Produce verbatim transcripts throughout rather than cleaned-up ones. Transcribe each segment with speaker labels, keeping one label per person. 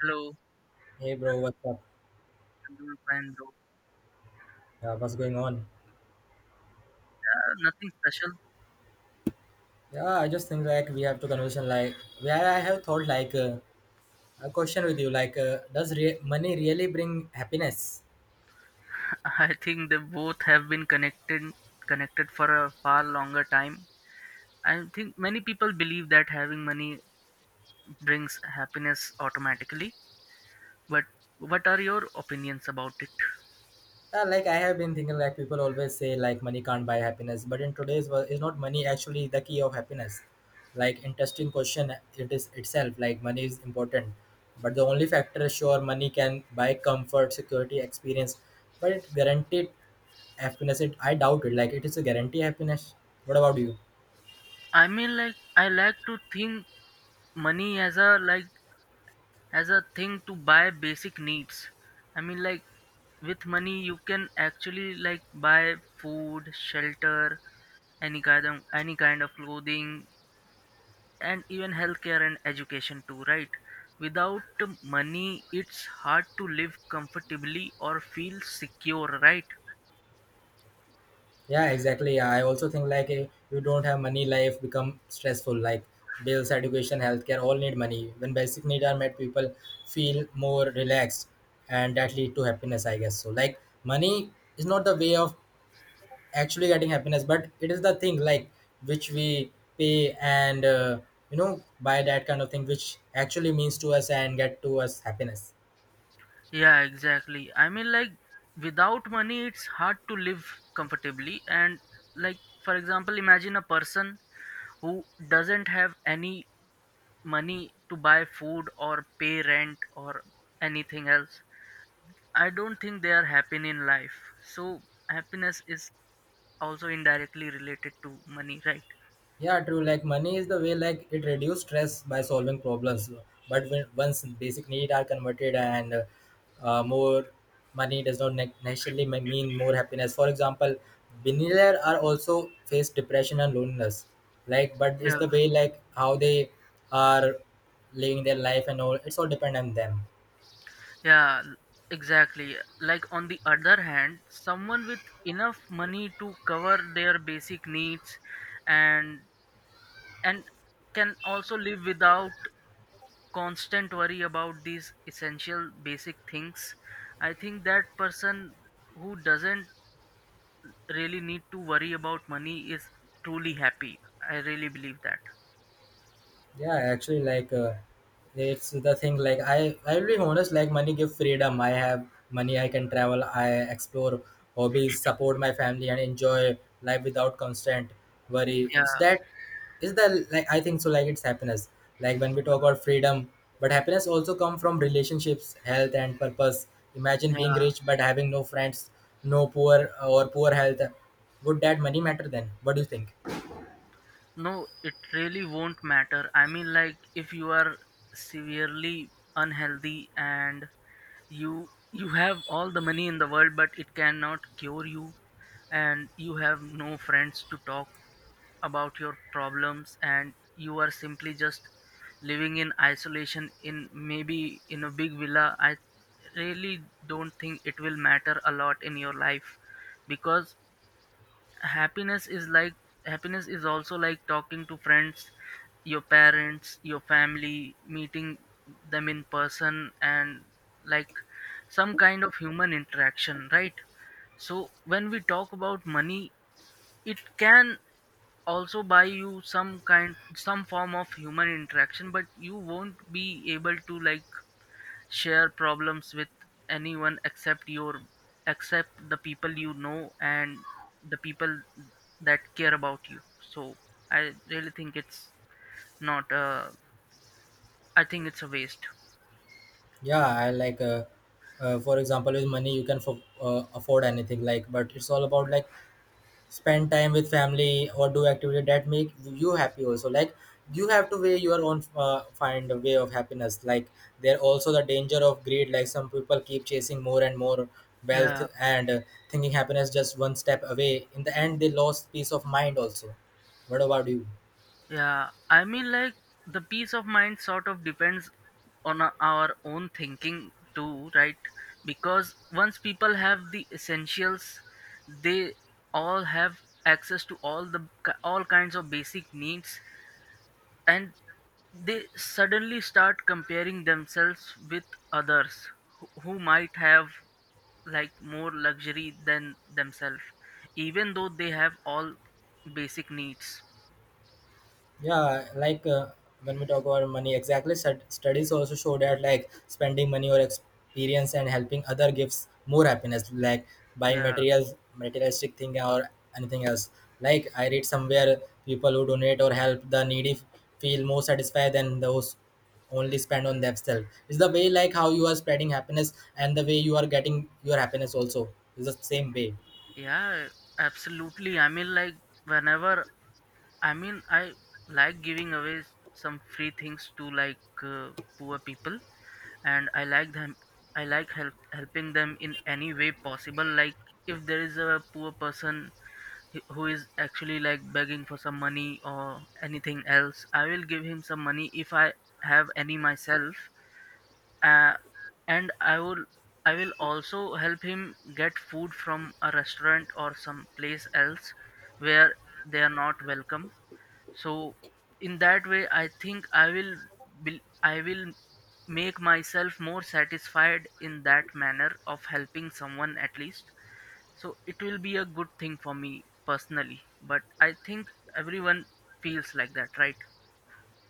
Speaker 1: Hello,
Speaker 2: Hey bro, what's up?
Speaker 1: I'm doing fine, bro.
Speaker 2: Yeah, what's going on?
Speaker 1: Uh, nothing special.
Speaker 2: Yeah, I just think like we have to conversation like yeah, yeah, I have thought like uh, a question with you like uh, does re- money really bring happiness?
Speaker 1: I think they both have been connected connected for a far longer time. I think many people believe that having money brings happiness automatically. But what are your opinions about it?
Speaker 2: Yeah, like I have been thinking like people always say like money can't buy happiness, but in today's world, is not money actually the key of happiness? Like interesting question it is itself. Like money is important, but the only factor is sure money can buy comfort, security, experience, but it guaranteed happiness. It I doubt it. Like it is a guarantee happiness. What about you?
Speaker 1: I mean, like I like to think money as a like as a thing to buy basic needs. I mean, like with money you can actually like buy food, shelter, any kind of any kind of clothing, and even healthcare and education too, right? Without money, it's hard to live comfortably or feel secure, right?
Speaker 2: Yeah, exactly. Yeah, I also think like if you don't have money, life become stressful. Like bills, education, healthcare, all need money. When basic needs are met, people feel more relaxed, and that lead to happiness. I guess so. Like money is not the way of actually getting happiness, but it is the thing like which we pay and uh, you know buy that kind of thing, which actually means to us and get to us happiness.
Speaker 1: Yeah, exactly. I mean, like, without money, it's hard to live comfortably. And, like, for example, imagine a person who doesn't have any money to buy food or pay rent or anything else. I don't think they are happy in life. So happiness is also indirectly related to money, right?
Speaker 2: Yeah, true. Like money is the way like it reduce stress by solving problems. But when once basic need are converted and uh, uh, more money does not ne- necessarily me- mean more happiness. For example, billionaires are also face depression and loneliness. Like, but it's
Speaker 1: Yeah.
Speaker 2: the way like how they are living their life and all. It's all depend on them.
Speaker 1: yeah l- exactly, like on the other hand, someone with enough money to cover their basic needs and and can also live without constant worry about these essential basic things. I think that person who doesn't really need to worry about money is truly happy. I really believe that.
Speaker 2: Yeah actually like uh, it's the thing like i i'll be honest like money give freedom. I have money, I can travel, I explore hobbies, support my family and enjoy life without constant worry.
Speaker 1: Yeah,
Speaker 2: Is that is the, like I think so, like it's happiness like when we talk about freedom, but happiness also come from relationships, health and purpose. Imagine
Speaker 1: yeah.
Speaker 2: being rich but having no friends, no poor or poor health. Would that money matter then? What do you think?
Speaker 1: No, it really won't matter. I mean, like, if you are severely unhealthy and you you have all the money in the world but it cannot cure you, and you have no friends to talk about your problems, and you are simply just living in isolation in maybe in a big villa, I really don't think it will matter a lot in your life. Because happiness is like happiness is also like talking to friends, your parents, your family, meeting them in person, and like some kind of human interaction, right? So when we talk about money, it can also buy you some kind some form of human interaction, but you won't be able to like share problems with anyone except your except the people you know and the people that care about you. So I really think it's not uh I think it's a waste.
Speaker 2: Yeah, I like uh, uh, for example, with money you can f- uh, afford anything, like, but it's all about like spend time with family or do activity that make you happy. Also like, you have to weigh your own, uh, find a way of happiness. Like there also the danger of greed, like some people keep chasing more and more wealth,
Speaker 1: Yeah,
Speaker 2: and uh, thinking happiness just one step away. In the end, they lost peace of mind also. What about you?
Speaker 1: yeah. I mean, like the peace of mind sort of depends on o- our own thinking too, right? Because once people have the essentials, they all have access to all the all kinds of basic needs, and they suddenly start comparing themselves with others who who might have like more luxury than themselves, even though they have all basic needs.
Speaker 2: Yeah, like uh, when we talk about money, exactly, stud- studies also show that like spending money or experience and helping other gives more happiness like buying
Speaker 1: Yeah,
Speaker 2: materials materialistic thing or anything else. Like I read somewhere people who donate or help the needy feel more satisfied than those only spend on themselves. It's the way like how you are spreading happiness, and the way you are getting your happiness also is the same way.
Speaker 1: yeah, absolutely. I mean, like whenever, I mean, I like giving away some free things to like uh, poor people, and I like them. I like help, helping them in any way possible. Like if there is a poor person he- who is actually like begging for some money or anything else, I will give him some money if I have any myself. Uh, and I will, I will also help him get food from a restaurant or some place else where they are not welcome. So in that way, I think I will bel- I will make myself more satisfied in that manner of helping someone at least. So it will be a good thing for me personally, but I think everyone feels like that, right?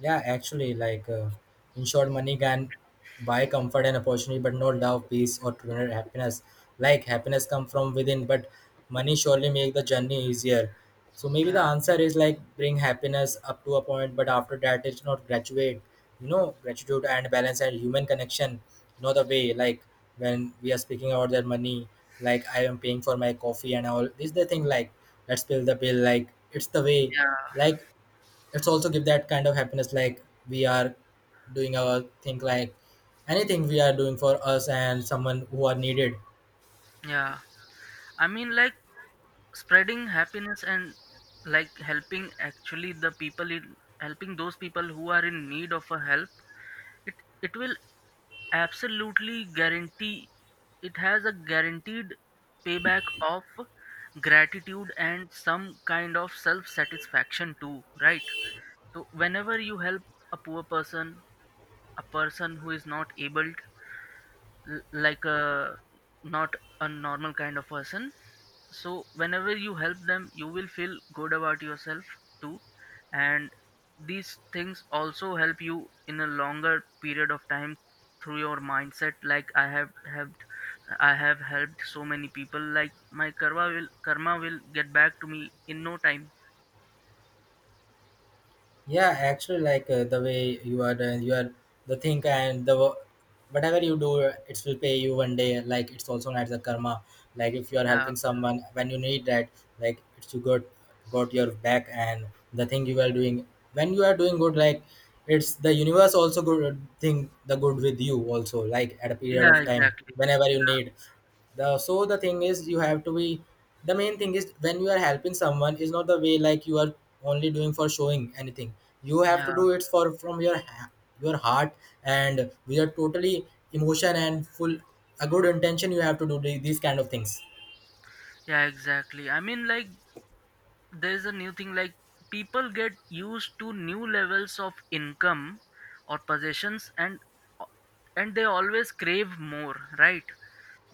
Speaker 2: Yeah, actually, like uh, insured money can buy comfort and opportunity, but not love, peace, or true happiness. Like happiness come from within, but money surely make the journey easier. So maybe the
Speaker 1: Yeah.
Speaker 2: answer is like bring happiness up to a point, but after that it's not graduate. You know, gratitude and balance and human connection, not the way like when we are speaking about their money, like I am paying for my coffee and all. This is the thing like let's pay the bill, like it's the way
Speaker 1: Yeah,
Speaker 2: like it's also give that kind of happiness like we are doing our thing like anything we are doing for us and someone who are needed.
Speaker 1: yeah. I mean, like spreading happiness and like helping actually the people in helping those people who are in need of a help, it it will absolutely guarantee, it has a guaranteed payback of gratitude and some kind of self-satisfaction too, right? So whenever you help a poor person, a person who is not able, like a not a normal kind of person, so whenever you help them, you will feel good about yourself too, and these things also help you in a longer period of time through your mindset. Like i have helped i have helped so many people, like my karma will karma will get back to me in no time.
Speaker 2: Yeah actually like uh, the way you are, the you are the thing, and the wo- whatever you do, it will pay you one day. Like it's also not the karma. Like if you are
Speaker 1: Yeah.
Speaker 2: helping someone when you need that, like it's you, got got your back, and the thing you are doing, when you are doing good, like it's the universe also good thing, the good with you also, like at a period
Speaker 1: Yeah,
Speaker 2: of time
Speaker 1: exactly.
Speaker 2: whenever you
Speaker 1: Yeah.
Speaker 2: need. The so the thing is you have to be, the main thing is when you are helping someone is not the way like you are only doing for showing anything. You have
Speaker 1: Yeah,
Speaker 2: to do it for, from your ha- your heart, and with your totally emotion and full a good intention, you have to do the- these kind of things.
Speaker 1: yeah. exactly. I mean, like there's a new thing, like people get used to new levels of income or possessions, and and they always crave more, right?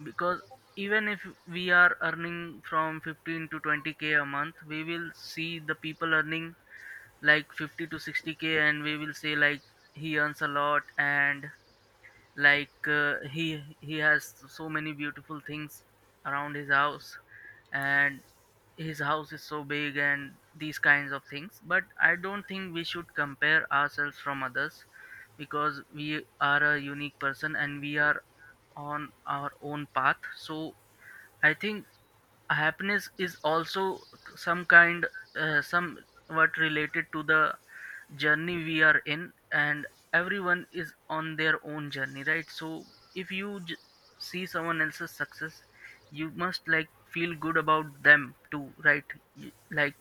Speaker 1: Because even if we are earning from fifteen to twenty k a month, we will see the people earning like fifty to sixty k, and we will say like he earns a lot, and like uh, he he has so many beautiful things around his house, and his house is so big and these kinds of things. But I don't think we should compare ourselves from others, because we are a unique person and we are on our own path. So I think happiness is also some kind, uh, some related to the journey we are in, and everyone is on their own journey, right? So if you j- see someone else's success, you must like feel good about them too, right? You- like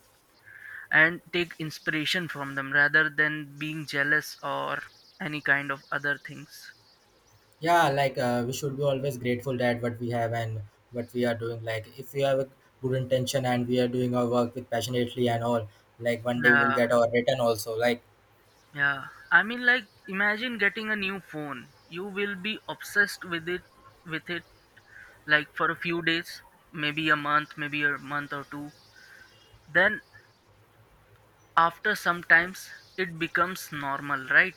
Speaker 1: and take inspiration from them rather than being jealous or any kind of other things.
Speaker 2: Yeah, like uh, we should be always grateful that what we have and what we are doing. Like if we have a good intention and we are doing our work with passionately and all, like one day we will
Speaker 1: Yeah.
Speaker 2: get our return also. Like,
Speaker 1: Yeah, I mean, like imagine getting a new phone, you will be obsessed with it with it like for a few days, maybe a month maybe a month or two. Then after sometimes it becomes normal, right?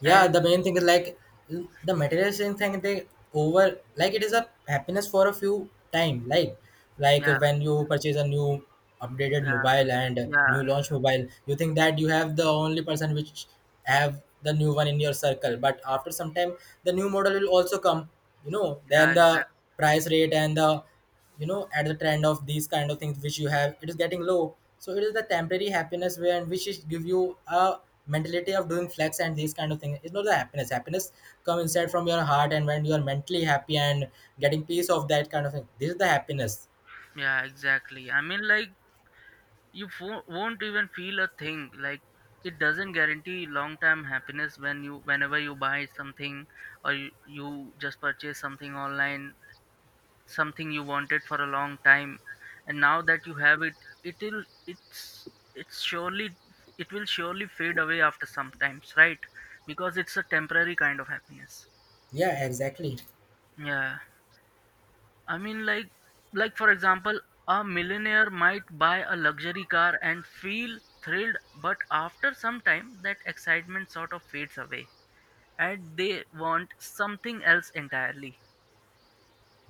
Speaker 2: yeah,
Speaker 1: And
Speaker 2: the main thing is like the materialistic thing, they over, like it is a happiness for a few time, like like
Speaker 1: yeah,
Speaker 2: when you purchase a new updated
Speaker 1: yeah,
Speaker 2: mobile and
Speaker 1: yeah,
Speaker 2: new launch mobile, you think that you have the only person which have the new one in your circle, but after some time the new model will also come. You know, then
Speaker 1: yeah,
Speaker 2: the
Speaker 1: exact,
Speaker 2: price rate and the, you know, at the trend of these kind of things which you have, it is getting low. So it is the temporary happiness where and which is give you a mentality of doing flex and these kind of things. It's not the happiness. Happiness come inside from your heart, and when you are mentally happy and getting peace of that kind of thing, this is the happiness.
Speaker 1: yeah, exactly. I mean, like you fo- won't even feel a thing. Like it doesn't guarantee long-term happiness when you, whenever you buy something, or you, you just purchase something online, something you wanted for a long time, and now that you have it, it'll, it's, it's surely, it will surely fade away after sometimes, right? Because it's a temporary kind of happiness.
Speaker 2: Yeah, exactly.
Speaker 1: Yeah, I mean, like, like for example, a millionaire might buy a luxury car and feel thrilled, but after some time, that excitement sort of fades away, and they want something else entirely.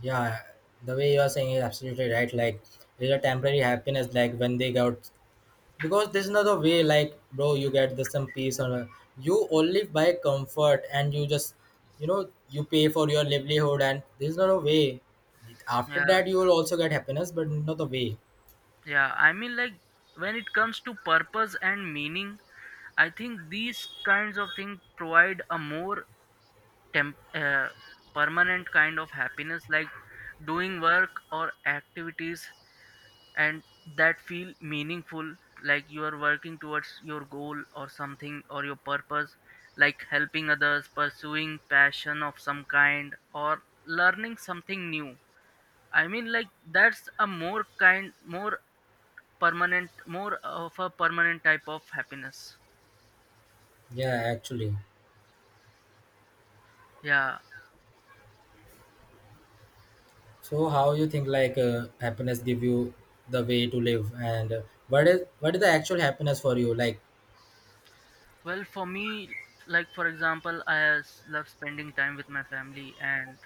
Speaker 2: Yeah, the way you are saying is absolutely right, like it's a temporary happiness, like when they got, because there's another way like bro you get the some peace on earth. You only buy comfort and you just, you know, you pay for your livelihood, and there's not a way after
Speaker 1: Yeah,
Speaker 2: that you will also get happiness, but not the way.
Speaker 1: yeah. I mean, like, when it comes to purpose and meaning, I think these kinds of things provide a more temp- uh, permanent kind of happiness, like doing work or activities and that feel meaningful, like you are working towards your goal or something or your purpose, like helping others, pursuing passion of some kind, or learning something new. I mean, like that's a more kind more permanent, more of a permanent type of happiness.
Speaker 2: Yeah actually,
Speaker 1: Yeah.
Speaker 2: so how you think like uh, happiness give you the way to live, and uh, what is what is the actual happiness for you like?
Speaker 1: Well, for me, like for example, i s- love spending time with my family, and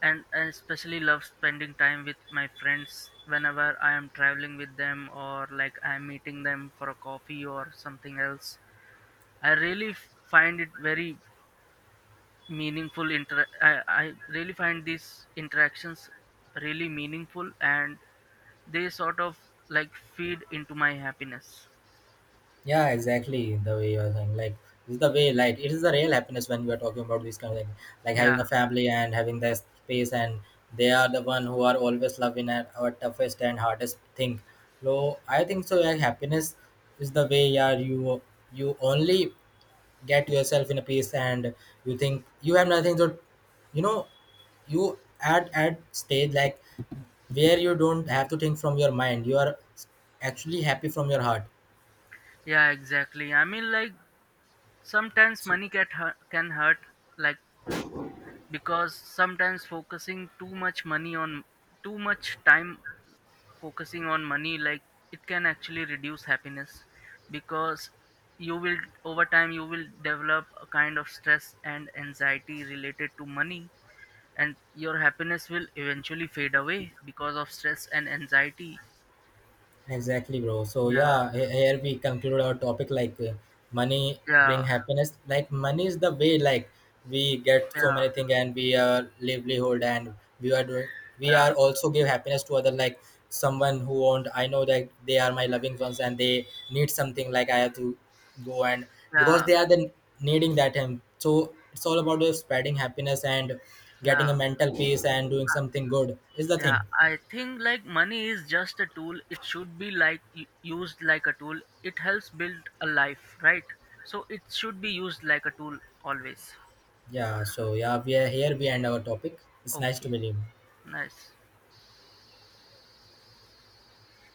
Speaker 1: and I especially love spending time with my friends whenever I am traveling with them or like I'm meeting them for a coffee or something else. I really f- find it very meaningful. Inter- I, I really find these interactions really meaningful, and they sort of like feed into my happiness.
Speaker 2: Yeah, exactly. The way you're saying, like, this is the way, like, it is the real happiness when we are talking about these kind of thing, like
Speaker 1: Yeah,
Speaker 2: having a family and having their space, and they are the one who are always loving at our toughest and hardest thing. So I think so. Yeah, happiness is the way. Yeah, you you only get yourself in a peace, and you think you have nothing. So you know, you at at stage like where you don't have to think from your mind. You are actually happy from your heart.
Speaker 1: yeah, exactly. I mean, like sometimes money can hurt, can hurt, like because sometimes focusing too much money on too much time focusing on money, like it can actually reduce happiness, because you will, over time, you will develop a kind of stress and anxiety related to money, and your happiness will eventually fade away because of stress and anxiety.
Speaker 2: Exactly, bro. So
Speaker 1: Yeah.
Speaker 2: yeah, he- here we conclude our topic like uh, money bring
Speaker 1: Yeah,
Speaker 2: happiness. Like money is the way like we get so
Speaker 1: yeah,
Speaker 2: many things and we are livelihood, and we are doing, we are
Speaker 1: yeah,
Speaker 2: also give happiness to other, like someone who want, I know that they are my loving ones and they need something, like I have to go, and because
Speaker 1: yeah,
Speaker 2: they are then needing that time. So it's all about uh, spreading happiness and getting a
Speaker 1: yeah,
Speaker 2: mental peace and doing something good is the
Speaker 1: yeah.
Speaker 2: thing.
Speaker 1: I think like money is just a tool, it should be like u- used like a tool, it helps build a life, right? So it should be used like a tool always.
Speaker 2: Yeah, so yeah, we are here behind our topic. It's nice to
Speaker 1: Okay,
Speaker 2: meet you.
Speaker 1: nice.